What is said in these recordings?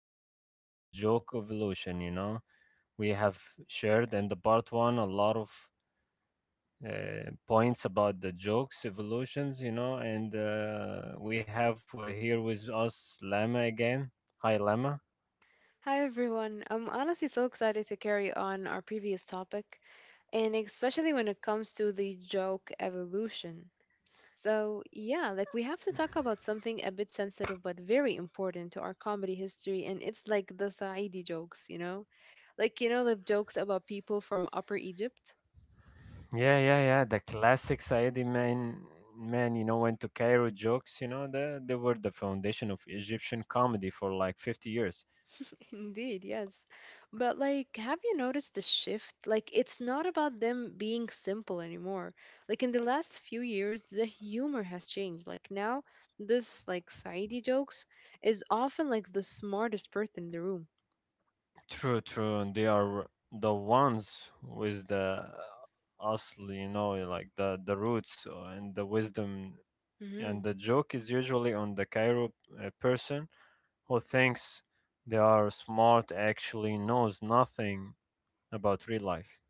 two, the joke evolution. You know, we have shared in the part one a lot of points about the jokes evolutions, you know, and we have here with us Lama again. Hi, Lama. Hi everyone. I'm honestly so excited to carry on our previous topic, and especially when it comes to the joke evolution. So, yeah, like we have to talk about something a bit sensitive but very important to our comedy history, and it's like the Saidi jokes, you know? Like, you know, the jokes about people from Upper Egypt? Yeah, yeah, yeah. The classic Saidi man, you know, went to Cairo jokes, you know, they were the foundation of Egyptian comedy for like 50 years. Indeed, yes. But like, have you noticed the shift? Like, it's not about them being simple anymore. Like in the last few years, the humor has changed. Like now, this like Saidi jokes is often like the smartest person in the room. True, true. And they are the ones with the asl, you know, eh, like the roots and the wisdom. And hmm the joke is usually on the Cairo person who thinks they are smart, actually knows nothing about real life.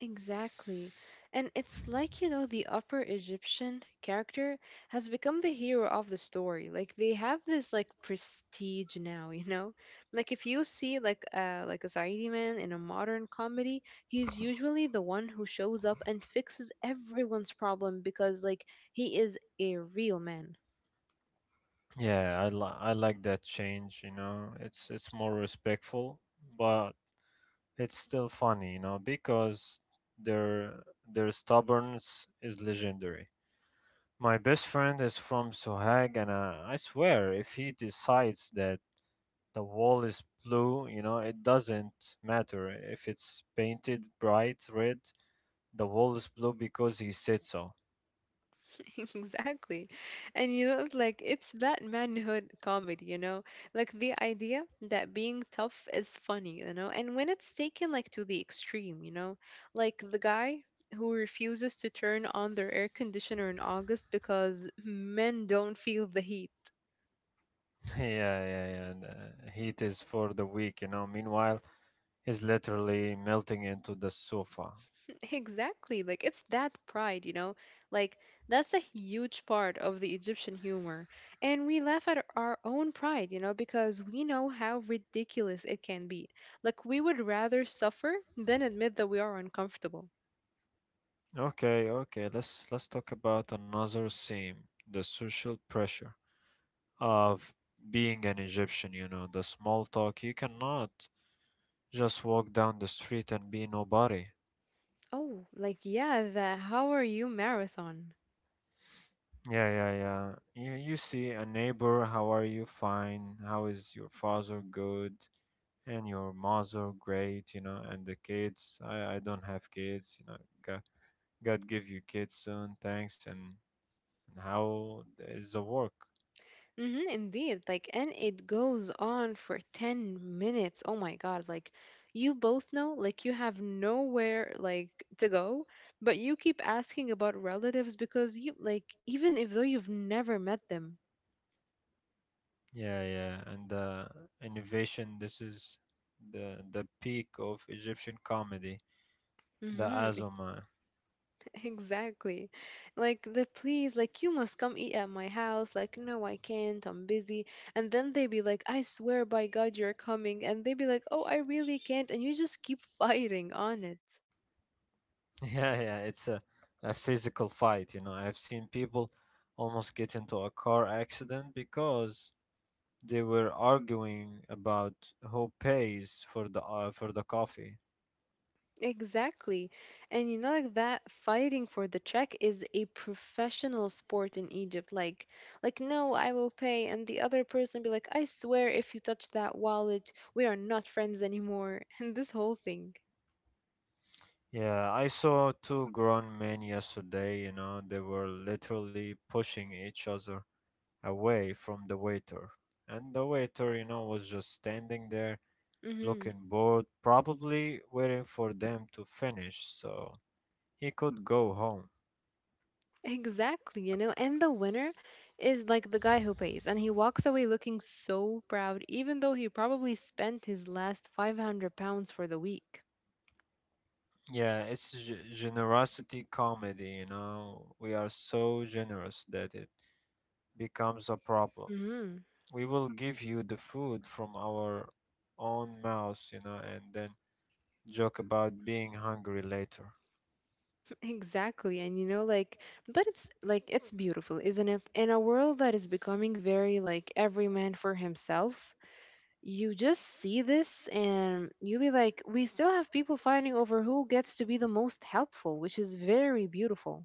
Exactly. And it's like, you know, the Upper Egyptian character has become the hero of the story. Like they have this like prestige now, you know? Like if you see like a Saidi man in a modern comedy, he's usually the one who shows up and fixes everyone's problem because like he is a real man. I like that change, you know. It's more respectful, but it's still funny, you know, because their their stubbornness is legendary. My best friend is from Sohag, and I swear, if he decides that the wall is blue, you know, it doesn't matter if it's painted bright red. The wall is blue because he said so. Exactly. And you know, like it's that manhood comedy, you know, like the idea that being tough is funny, you know, and when it's taken like to the extreme, you know, like the guy who refuses to turn on their air conditioner in August because men don't feel the heat. Yeah, yeah, yeah. And heat is for the weak, you know. Meanwhile, he's literally melting into the sofa. Exactly. Like it's that pride, you know? Like that's a huge part of the Egyptian humor. And we laugh at our own pride, you know, because we know how ridiculous it can be. Like we would rather suffer than admit that we are uncomfortable. Okay, okay. Let's talk about another theme: the social pressure of being an Egyptian. You know, the small talk. You cannot just walk down the street and be nobody. Oh, like yeah, the How Are You marathon. Yeah, yeah, yeah. You see a neighbor, how are you? Fine. How is your father? Good. And your mother? Great, you know. And the kids? I don't have kids, you know. God, God give you kids soon. Thanks. And how is the work? Mm-hmm, indeed. Like, and it goes on for 10 minutes. Oh my God. Like, you both know, like, you have nowhere, like, to go, but you keep asking about relatives because you, like, even if though you've never met them. Yeah, yeah. And the innovation, this is the peak of Egyptian comedy, the Mm-hmm, Azoma. exactly. Like, the please, like, you must come eat at my house. Like, no, I can't. I'm busy. And then they be like, I swear by God, you're coming. And they be like, oh, I really can't. And you just keep fighting on it. Yeah, yeah, it's a physical fight, you know. I've seen people almost get into a car accident because they were arguing about who pays for the coffee. Exactly. And you know, like that fighting for the check is a professional sport in Egypt. Like, no, I will pay. And the other person be like, I swear if you touch that wallet, we are not friends anymore. And this whole thing. Yeah, I saw two grown men yesterday, you know, they were literally pushing each other away from the waiter. And the waiter, you know, was just standing there hmm looking bored, probably waiting for them to finish so he could go home. Exactly, you know. And the winner is like the guy who pays, and he walks away looking so proud, even though he probably spent his last £500 for the week. Generosity comedy, you know. We are so generous that it becomes a problem. hmm We will give you the food from our own mouths, you know, and then joke about being hungry later. Exactly. And you know, like, but it's like, it's beautiful, isn't it? In a world that is becoming very like every man for himself, you just see this and you be like, we still have people fighting over who gets to be the most helpful, which is very beautiful.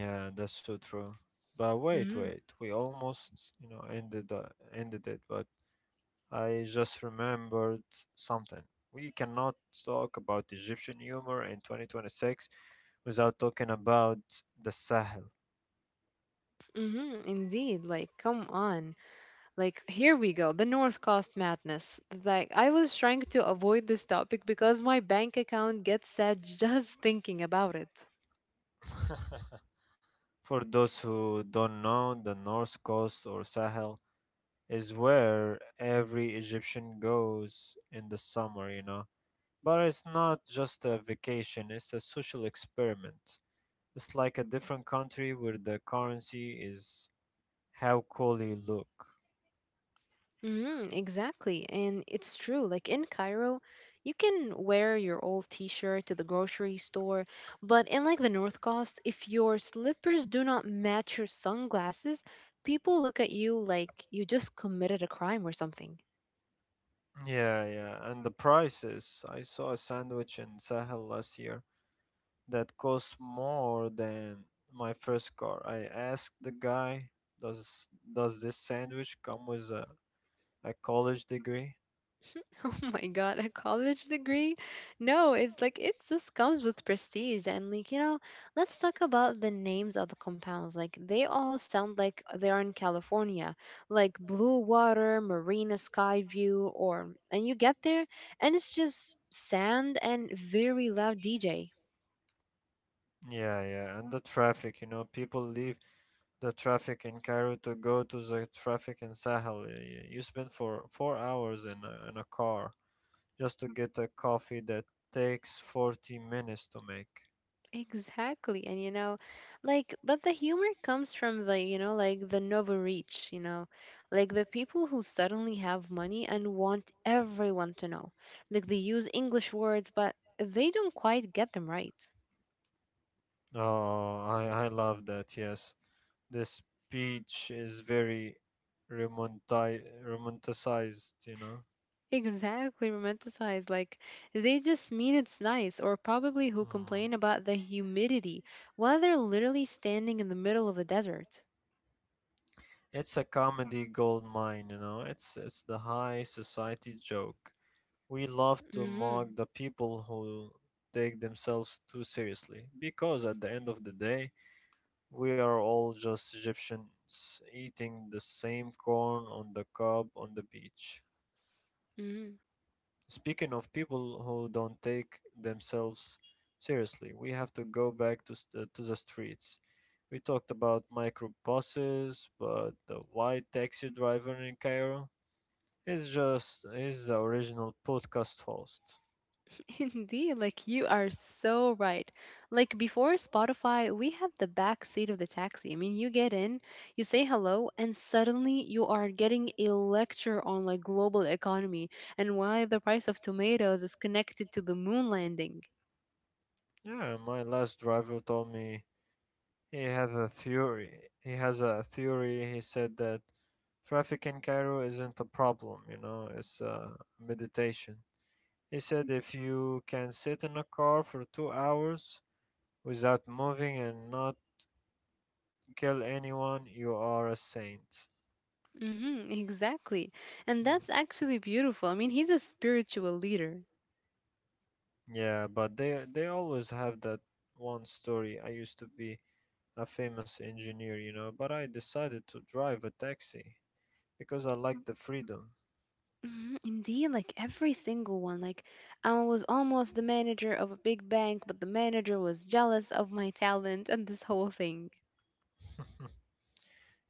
Yeah, that's so true. But wait, Mm-hmm. wait. We almost, you know, ended it, but I just remembered something. We cannot talk about Egyptian humor in 2026 without talking about the Sahel. Mm-hmm. Indeed. Like, come on. Like, here we go. The North Coast madness. Like, I was trying to avoid this topic because my bank account gets sad just thinking about it. For those who don't know, the North Coast or Sahel is where every Egyptian goes in the summer, you know. But it's not just a vacation, it's a social experiment. It's like a different country where the currency is how cool you look. Mm, exactly. And it's true. Like in Cairo, you can wear your old t-shirt to the grocery store, but in like the North Coast, if your slippers do not match your sunglasses, people look at you like you just committed a crime or something. Yeah, yeah. And the prices. I saw a sandwich in Sahel last year that cost more than my first car. I asked the guy, "Does this sandwich come with a college degree?" Oh my God, a college degree? No, it's like it just comes with prestige. And, like, you know, let's talk about the names of the compounds. Like, they all sound like they're in California, like Blue Water, Marina Sky View, or, and you get there and it's just sand and very loud DJ. Yeah, yeah, and the traffic, you know, people leave the traffic in Cairo to go to the traffic in Sahel. You spend for 4 hours in a car just to get a coffee that takes 40 minutes to make. Exactly. And you know, like, but the humor comes from the, you know, like the noble rich, you know, like the people who suddenly have money and want everyone to know. Like, they use English words, but they don't quite get them right. Oh, I love that. Yes, the speech is very romanticized, you know. Exactly, romanticized. Like, they just mean it's nice, or probably who Mm. complain about the humidity while they're literally standing in the middle of a desert. It's a comedy gold mine, you know. It's the high society joke. We love to Mm-hmm. mock the people who take themselves too seriously because at the end of the day, we are all just Egyptians eating the same corn on the cob on the beach. Speaking of people who don't take themselves seriously, we have to go back to, to the streets. We talked about microbuses, but the white taxi driver in Cairo is the original podcast host. Indeed, like you are so right. Like before Spotify, we had the back seat of the taxi. I mean, you get in, you say hello, and suddenly you are getting a lecture on like global economy and why the price of tomatoes is connected to the moon landing. Yeah, my last driver told me he has a theory. He has a theory. He said that traffic in Cairo isn't a problem, you know, it's a meditation. He said if you can sit in a car for 2 hours without moving and not kill anyone, you are a saint. Mm-hmm, exactly. And Hmm. that's actually beautiful. I mean, he's a spiritual leader. Yeah, but they always have that one story. I used to be a famous engineer, you know, but I decided to drive a taxi because I like the freedom. Mhm, indeed, like every single one. Like I was almost the manager of a big bank, but the manager was jealous of my talent and this whole thing.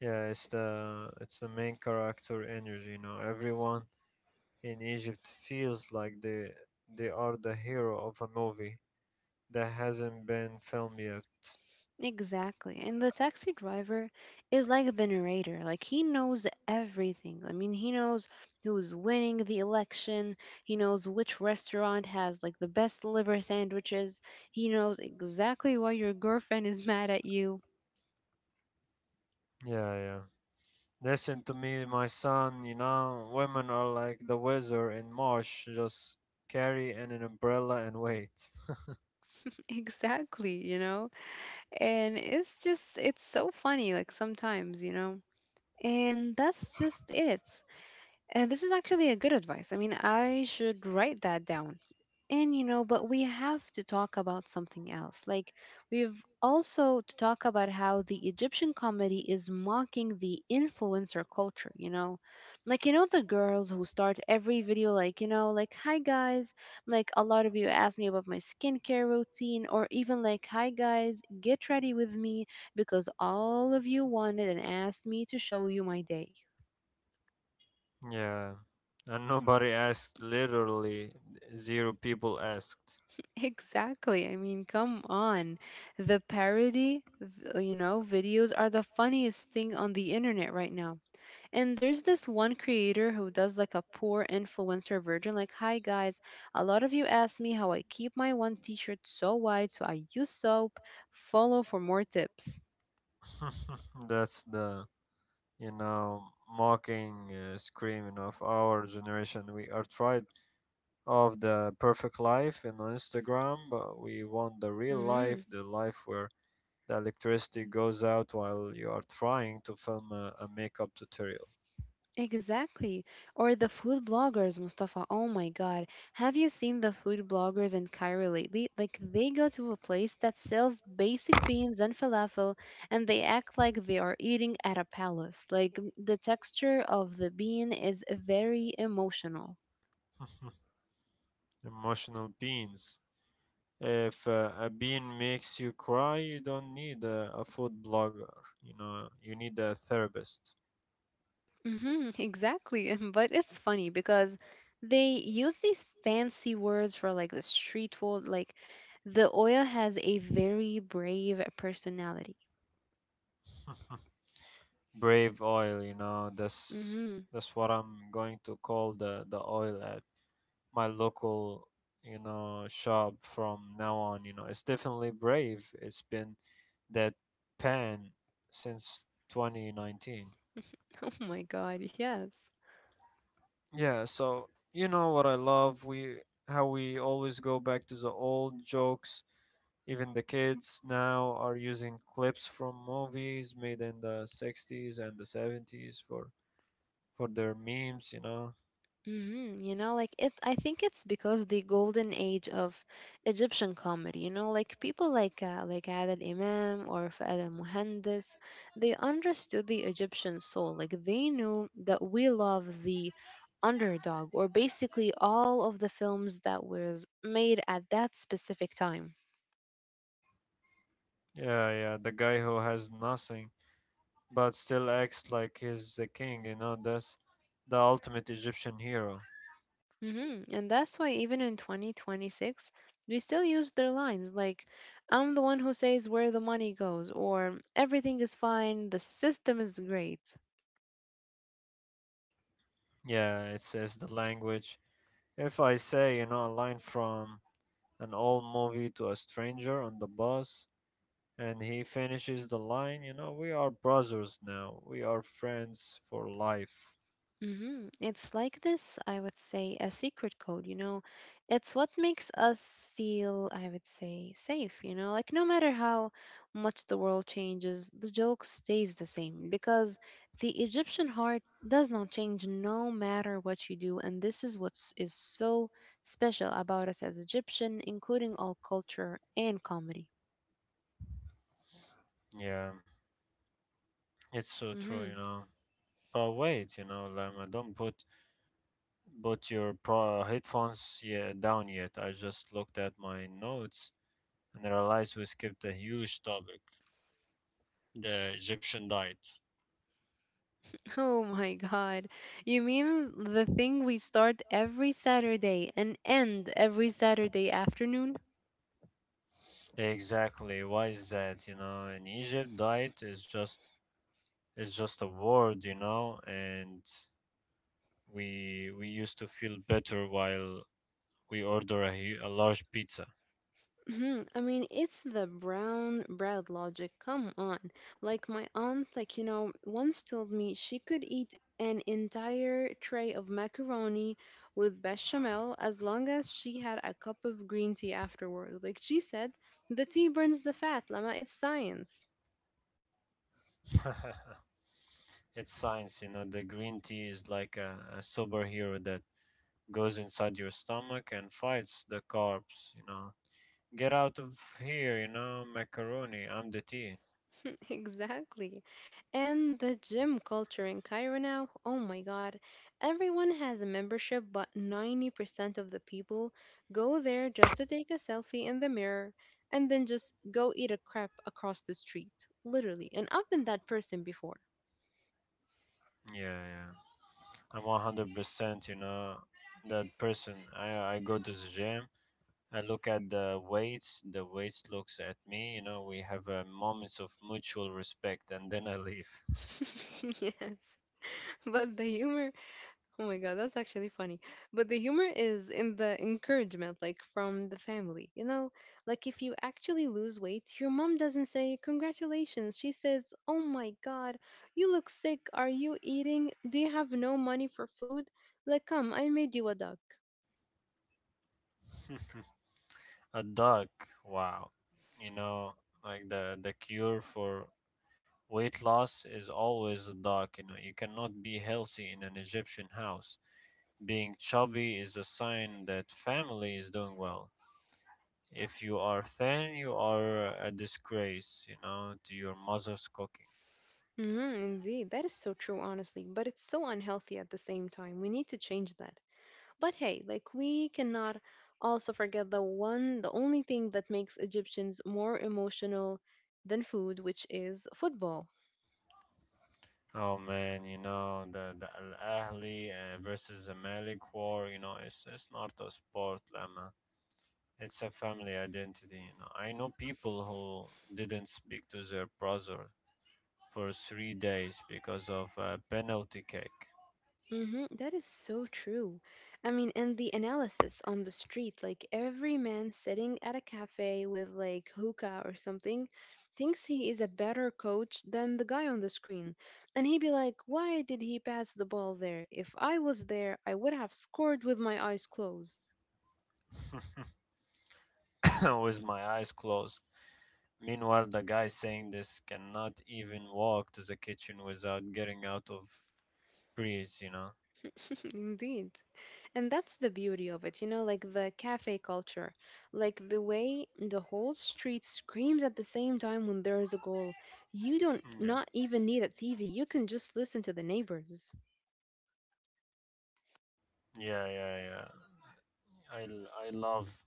Yeah, it's the main character energy, you know. Everyone in Egypt feels like they are the hero of a movie that hasn't been filmed yet. Exactly. And the taxi driver is like the narrator. Like he knows everything. I mean, he knows who's winning the election. He knows which restaurant has like the best liver sandwiches. He knows exactly why your girlfriend is mad at you. Yeah, yeah. Listen to me, my son, you know, women are like the weather in March, just carry an umbrella and wait. Exactly, you know? And it's just, it's so funny, like sometimes, you know? And that's just it. And this is actually a good advice. I mean, I should write that down and you know, but we have to talk about something else. Like we've also to talk about how the Egyptian comedy is mocking the influencer culture, you know? Like you know the girls who start every video like, you know, like hi guys, like a lot of you asked me about my skincare routine or even like hi guys, get ready with me because all of you wanted and asked me to show you my day. Yeah. And nobody asked, literally zero people asked. Exactly. I mean, come on. The parody videos are the funniest thing on the internet right now. And there's this one creator who does like a poor influencer version, like, hi guys, a lot of you asked me how I keep my one t shirt so wide, so I use soap. Follow for more tips. That's the you know, mocking, screaming of our generation. We are tried of the perfect life in Instagram, but we want the real Mm hmm. life, the life where the electricity goes out while you are trying to film a makeup tutorial. Exactly. Or the food bloggers, Mustafa. Oh my God. Have you seen the food bloggers in Cairo lately? Like, they go to a place that sells basic beans and falafel, and they act like they are eating at a palace. Like, the texture of the bean is very emotional. Emotional beans. If a bean makes you cry, you don't need a food blogger. You know, you need a therapist. Exactly. But it's funny because they use these fancy words for like the street food. Like, the oil has a very brave personality. Brave oil, you know, that's hmm that's what I'm going to call the oil at my local, you know, shop from now on, you know. It's definitely brave. It's been that pan since 2019. Oh my God, yes. Yeah, so you know what I love, we how we always go back to the old jokes. Even the kids now are using clips from movies made in the 60s and the 70s for their memes, you know. You know, like it, I think it's because the golden age of Egyptian comedy, you know, like people like Adel Imam or Fahad al-Muhandis, they understood the Egyptian soul. Like they knew that we love the underdog or basically all of the films that was made at that specific time. Yeah, yeah, the guy who has nothing but still acts like he's the king, you know, that's the ultimate Egyptian hero. And that's why even in 2026, we still use their lines like, I'm the one who says where the money goes, or everything is fine, the system is great. Yeah, it says the language. If I say, you know, a line from an old movie to a stranger on the bus and he finishes the line, you know, we are brothers now. We are friends for life. It's like this, I would say, a secret code, you know. It's what makes us feel, I would say, safe, you know. Like no matter how much the world changes, the joke stays the same because the Egyptian heart does not change no matter what you do, and this is what is so special about us as Egyptian, including all culture and comedy. Yeah, it's so true, you hmm know. But wait, you know, Lama, don't put your headphones, yeah, down yet. I just looked at my notes and realized we skipped a huge topic, the Egyptian diet. Oh my God. You mean the thing we start every Saturday and end every Saturday afternoon? Exactly. Why is that? You know, in Egypt, diet is just it's just a word, you know, and we used to feel better while we order a, a large pizza. Mhm. I mean, it's the brown bread logic. Come on. Like my aunt, like, you know, once told me she could eat an entire tray of macaroni with bechamel as long as she had a cup of green tea afterward. Like she said, the tea burns the fat, Lama. It's science. It's science, you know. The green tea is like a superhero that goes inside your stomach and fights the carbs, you know. Get out of here, you know, macaroni. I'm the tea. Exactly. And the gym culture in Cairo now, oh my God, everyone has a membership, but 90% of the people go there just to take a selfie in the mirror and then just go eat a crepe across the street, literally. And I've been that person before. Yeah, yeah. I'm 100%, you know, that person. I go to the gym. I look at the weights. The weights looks at me. You know, we have moments of mutual respect, and then I leave. Yes. But the humor, oh my god, that's actually funny. But the humor is in the encouragement, like from the family. You know, like if you actually lose weight, your mom doesn't say, Congratulations. She says, Oh my god, you look sick. Are you eating? Do you have no money for food? Like, come, I made you a duck. A duck. Wow. You know, like the cure for weight loss is always a dark. You know, you cannot be healthy in an Egyptian house. Being chubby is a sign that family is doing well. If you are thin, you are a disgrace, you know, to your mother's cooking. Indeed. That is so true, honestly. But it's so unhealthy at the same time. We need to change that. But hey, like we cannot also forget the one, the only thing that makes Egyptians more emotional than food, which is football. Oh man, you know, the Al Ahly versus Malik war, you know, it's not a sport, Lama. It's a family identity, you know. I know people who didn't speak to their brother for 3 days because of a penalty kick. That is so true. I mean, and the analysis on the street, like every man sitting at a cafe with like hookah or something, thinks he is a better coach than the guy on the screen. And he'd be like, why did he pass the ball there? If I was there, I would have scored with my eyes closed. With my eyes closed. Meanwhile, the guy saying this cannot even walk to the kitchen without getting out of breeze, you know. Indeed. And that's the beauty of it, you know, like the cafe culture, like the way the whole street screams at the same time when there is a goal. You don't Yeah, not even need a TV. You can just listen to the neighbors. yeah, yeah, yeah. I love,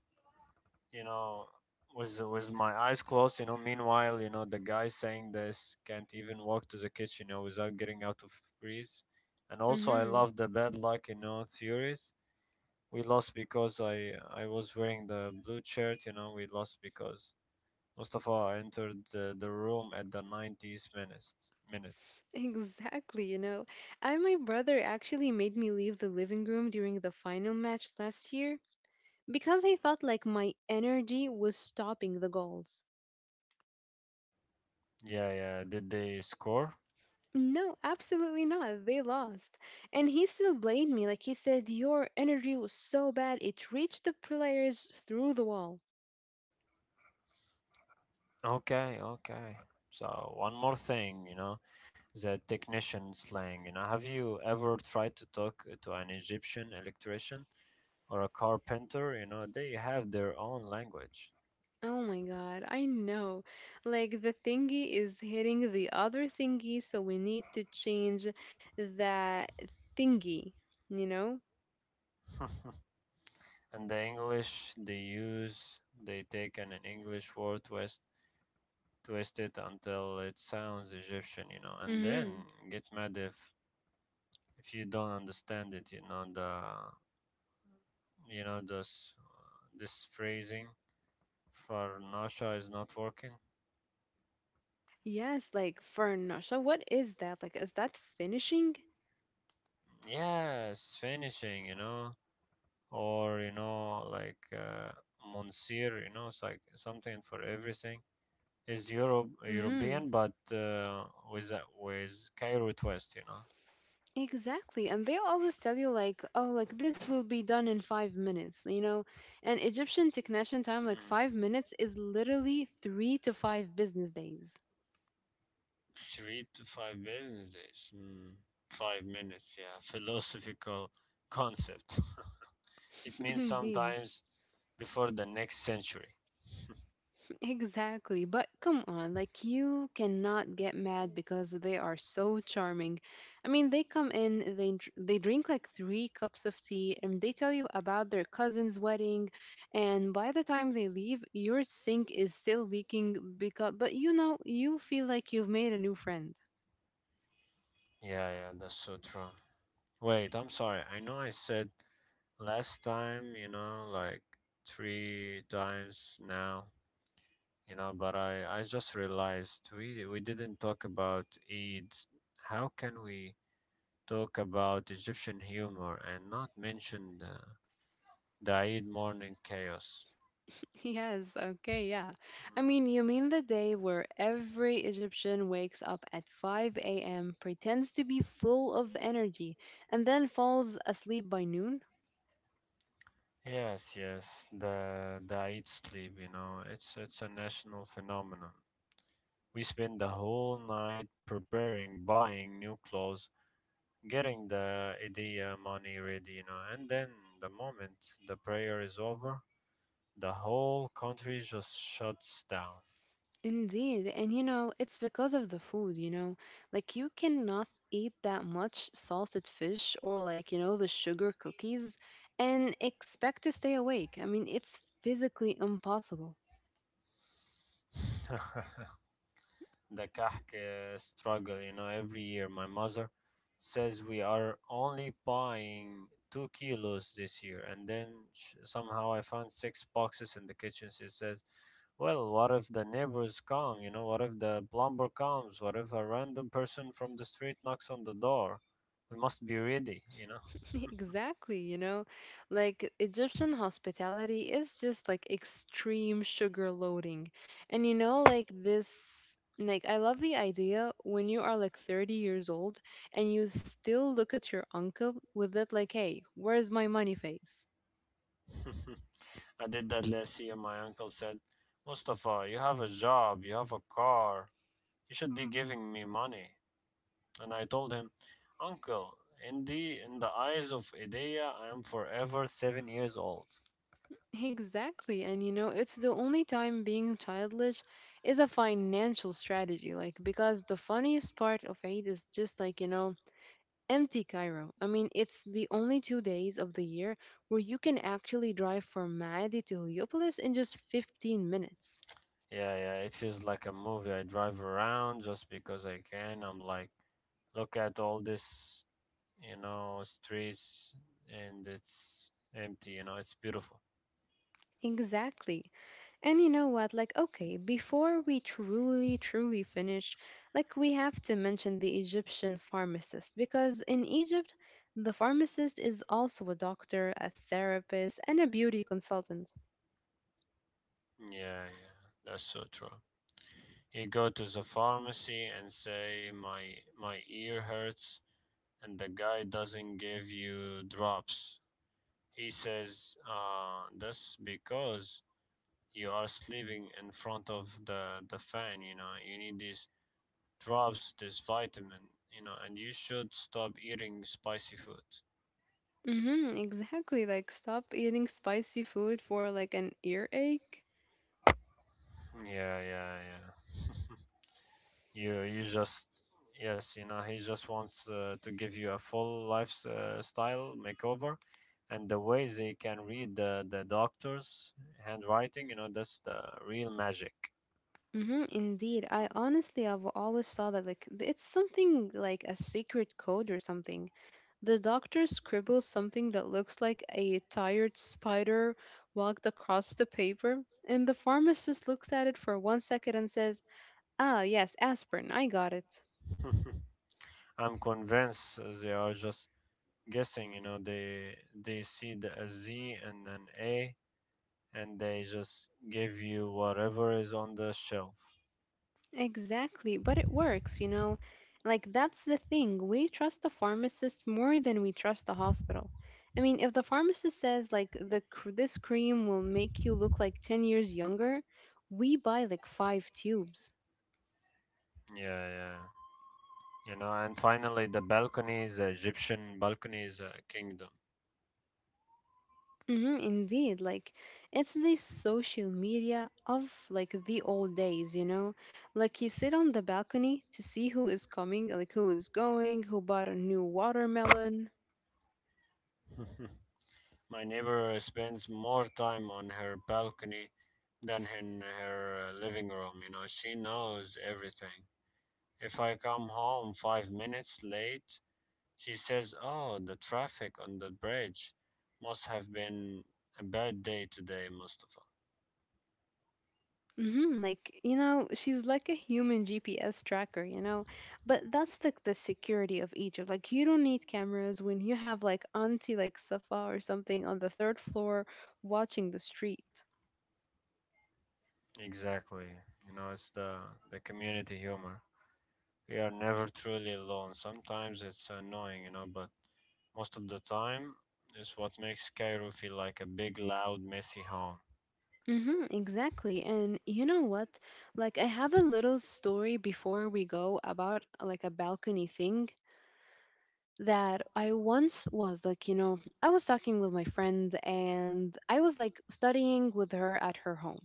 you know, was my eyes closed, you know, meanwhile, you know, the guy saying this can't even walk to the kitchen, you know, without getting out of breeze. And also I Mm-hmm. love the bad luck, you know, theories. We lost because I was wearing the blue shirt, you know. We lost because Mustafa entered the room at the 90s minute. Exactly, you know. I my brother actually made me leave the living room during the final match last year because he thought like my energy was stopping the goals. Yeah, yeah, did they score? No, absolutely not. They lost. And he still blamed me. Like he said, your energy was so bad it reached the players through the wall. Okay, okay. So one more thing, you know, the technician slang, you know, have you ever tried to talk to an Egyptian electrician or a carpenter? You know, they have their own language. Oh my god, I know. Like the thingy is hitting the other thingy, so we need to change that thingy, you know? And the English they use, they take an English word, twist it until it sounds Egyptian, you know, and then Mm-hmm. get mad if you don't understand it, you know the you know this phrasing. Farnasha is not working. Yes, like for Nasha, what is that? Like, is that finishing? Yes, finishing, you know, or you know, like Monsieur, you know, it's like something for everything. Is Europe Mm-hmm. European, but with a, with Cairo twist, you know. Exactly. And they always tell you, like, oh, like this will be done in 5 minutes, you know? And Egyptian technician time, like Mm. 5 minutes, is literally 3 to 5 business days. Three to five business days. Mm. 5 minutes, yeah. Philosophical concept. It means Indeed. sometimes before the next century. Exactly. But come on, like you cannot get mad because they are so charming. I mean, they come in, they drink like 3 cups of tea and they tell you about their cousin's wedding, and by the time they leave, your sink is still leaking because, but you know, you feel like you've made a new friend. Yeah, yeah, that's so true. Wait, I'm sorry. I know I said last time, you know, like three times now, you know, but I just realized we didn't talk about Eid. How can we talk about Egyptian humor and not mention the Eid morning chaos? Yes, okay, yeah. I Hmm. mean, you mean the day where every Egyptian wakes up at 5 a.m., pretends to be full of energy, and then falls asleep by noon? Yes, yes, the Eid sleep, it's a national phenomenon. We spend the whole night preparing, buying new clothes, getting the idea money ready, you know, and then the moment the prayer is over, the whole country just shuts down. Indeed, and you know, it's because of the food, you know. Like, you cannot eat that much salted fish or, like, you know, the sugar cookies and expect to stay awake. I mean, it's physically impossible. The Kahk struggle. You know, every year my mother says we are only buying 2 kilos this year, and then somehow I found six boxes in the kitchen. She says, "Well, what if the neighbors come? You know, what if the plumber comes? What if a random person from the street knocks on the door? We must be ready." You know. Exactly, you know, like Egyptian hospitality is just like extreme sugar loading. And you know, like this, like I love the idea when you are like 30 years old and you still look at your uncle with that, like, hey, where's my money face? I did that last year. My uncle said, "Mustafa, you have a job. You have a car. You should be giving me money." And I told him, "Uncle, in the eyes of Idea, I am forever 7 years old." Exactly. And you know, it's the only time being childish is a financial strategy, like, because the funniest part of Eid is just, like, you know, Empty Cairo. I mean, it's the only 2 days of the year where you can actually drive from Maadi to Heliopolis in just 15 minutes. Yeah, yeah, it feels like a movie. I drive around just because I can. I'm like, look at all this, you know, streets, and it's empty. You know, it's beautiful. Exactly. And you know what? Like, okay, before we truly, truly finish, like, we have to mention the Egyptian pharmacist because in Egypt, the pharmacist is also a doctor, a therapist, and a beauty consultant. Yeah, yeah, that's so true. You go to the pharmacy and say, my ear hurts, and the guy doesn't give you drops. He says, that's because you are sleeping in front of the fan, you know, you need these drops, this vitamin, you know, and you should stop eating spicy food. Mm-hmm, exactly. Like, stop eating spicy food for like an earache. Yeah, yeah, yeah. You just, yes, you know, he just wants to give you a full lifestyle makeover. And the way they can read the doctor's handwriting, you know, that's the real magic. Mm-hmm, indeed. Mm. I honestly have always thought that, like, it's something like a secret code or something. The doctor scribbles something that looks like a tired spider walked across the paper, and the pharmacist looks at it for one second and says, "Ah, yes, aspirin. I got it." I'm convinced they are just guessing. You know, they see the a Z and an A, and they just give you whatever is on the shelf. Exactly, but it works, you know. Like, that's the thing. We trust the pharmacist more than we trust the hospital. I mean, if the pharmacist says, like, this cream will make you look like 10 years younger, we buy like five tubes. Yeah, yeah. You know, and finally the balcony is, Egyptian balcony is a kingdom. Hmm, indeed. Like, it's the social media of, like, the old days, you know? Like, you sit on the balcony to see who is coming, like, who is going, who bought a new watermelon. My neighbor spends more time on her balcony than in her living room. You know, she knows everything. If I come home 5 minutes late, she says, "Oh, the traffic on the bridge must have been a bad day today, Mustafa." Hmm. Like, you know, she's like a human GPS tracker, you know? But that's like the security of Egypt. Like, you don't need cameras when you have like Auntie, like Safa or something on the third floor watching the street. Exactly. You know, it's the community humor. We are never truly alone. Sometimes it's annoying, you know, but most of the time is what makes Cairo feel like a big, loud, messy home. Mm-hmm, exactly. And you know what? Like, I have a little story before we go about like a balcony thing, that I once was, like, you know, I was talking with my friend and I was like studying with her at her home.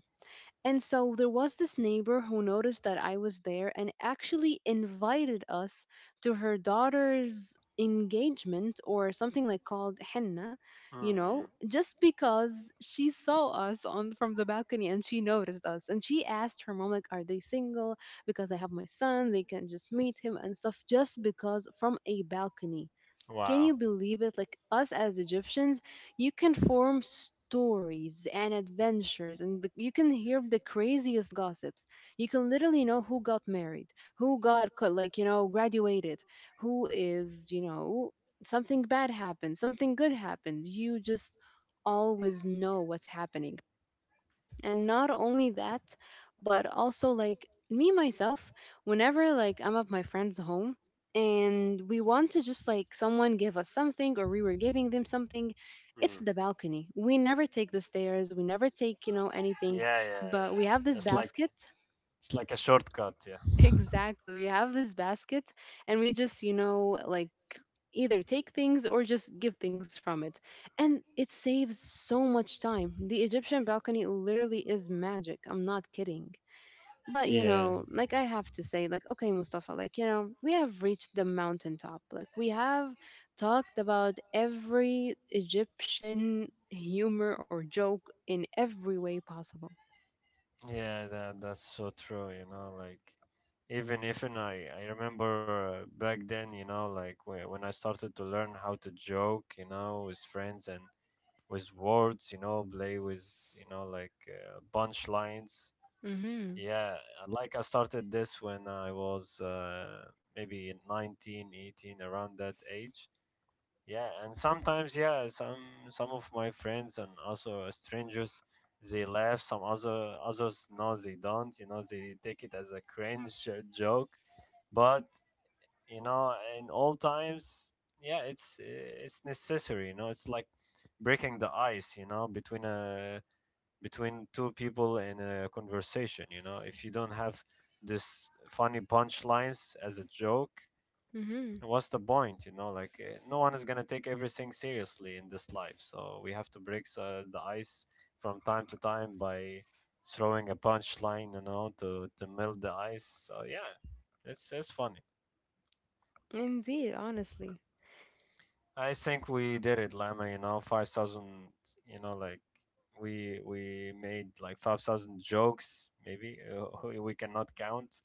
And so there was this neighbor who noticed that I was there and actually invited us to her daughter's engagement or something like called henna, you know, Mm-mm. just because she saw us on from the balcony, and she noticed us and she asked her mom, like, are they single, because I have my son, they can just meet him and stuff, just because from a balcony, can Wow. you believe it? Like, us as Egyptians, you can form stories and adventures, and you can hear the craziest gossips. You can literally know who got married, like you know graduated, who is you know something bad happened, something good happened. You just always know what's happening, and not only that, but also like me myself, whenever like I'm at my friend's home and we want to just like someone give us something or we were giving them something, it's Mm. the balcony. We never take the stairs, we never take you know anything, Yeah, yeah, but yeah. we have this It's like, basket. it's like a shortcut. Yeah. Exactly. We have this basket, and we just, you know, like either take things or just give things from it. And it saves so much time. The Egyptian balcony literally is magic. I'm not kidding. But, you Yeah. know, like I have to say, like, okay, Mustafa, like, you know, we have reached the mountaintop. Like, we have talked about every Egyptian humor or joke in every way possible. Yeah, that's so true, you know, like even I remember back then, you know, like when I started to learn how to joke, you know, with friends and with words, you know, play with, you know, like punchlines. Mm Yeah, like I started this when I was maybe 19, 18, around that age. Yeah, and sometimes, yeah, some of my friends and also strangers, they laugh. Some other others, no, they don't. You know, they take it as a cringe joke. But you know, in all times, yeah, it's necessary. You know, it's like breaking the ice. You know, between a between two people in a conversation. You know, if you don't have this funny punchlines as a joke, hmm. Mm what's the point? You know, like, no one is going to take everything seriously in this life, so we have to break the ice from time to time by throwing a punchline, you know, to melt the ice. So yeah, it's funny. hmm. Indeed, honestly. I think we did it, Lama, you know, 5,000, you know, like we made like 5,000 jokes, maybe. We cannot count.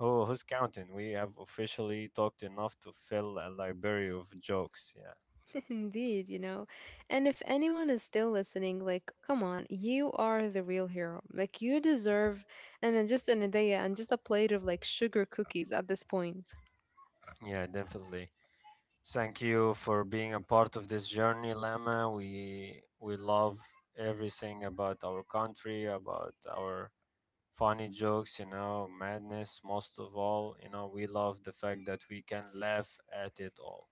Oh, who's counting? We have officially talked enough to fill a library of jokes. Yeah. Indeed, you know. And if anyone is still listening, like, come on, you are the real hero. Like, you deserve, and then just an idea and just a plate of like sugar cookies at this point. Yeah, definitely. Thank you for being a part of this journey, Lama. We love everything about our country, about our funny jokes, you know, madness most of all. You know, we love the fact that we can laugh at it all.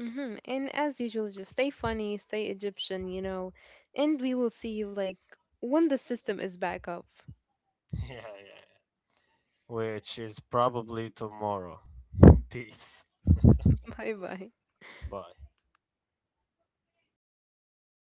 Mm-hmm. And as usual, just stay funny, stay Egyptian, you know, and we will see you like when the system is back up. Yeah, yeah, yeah. Which is probably tomorrow. Peace. Bye bye. Bye.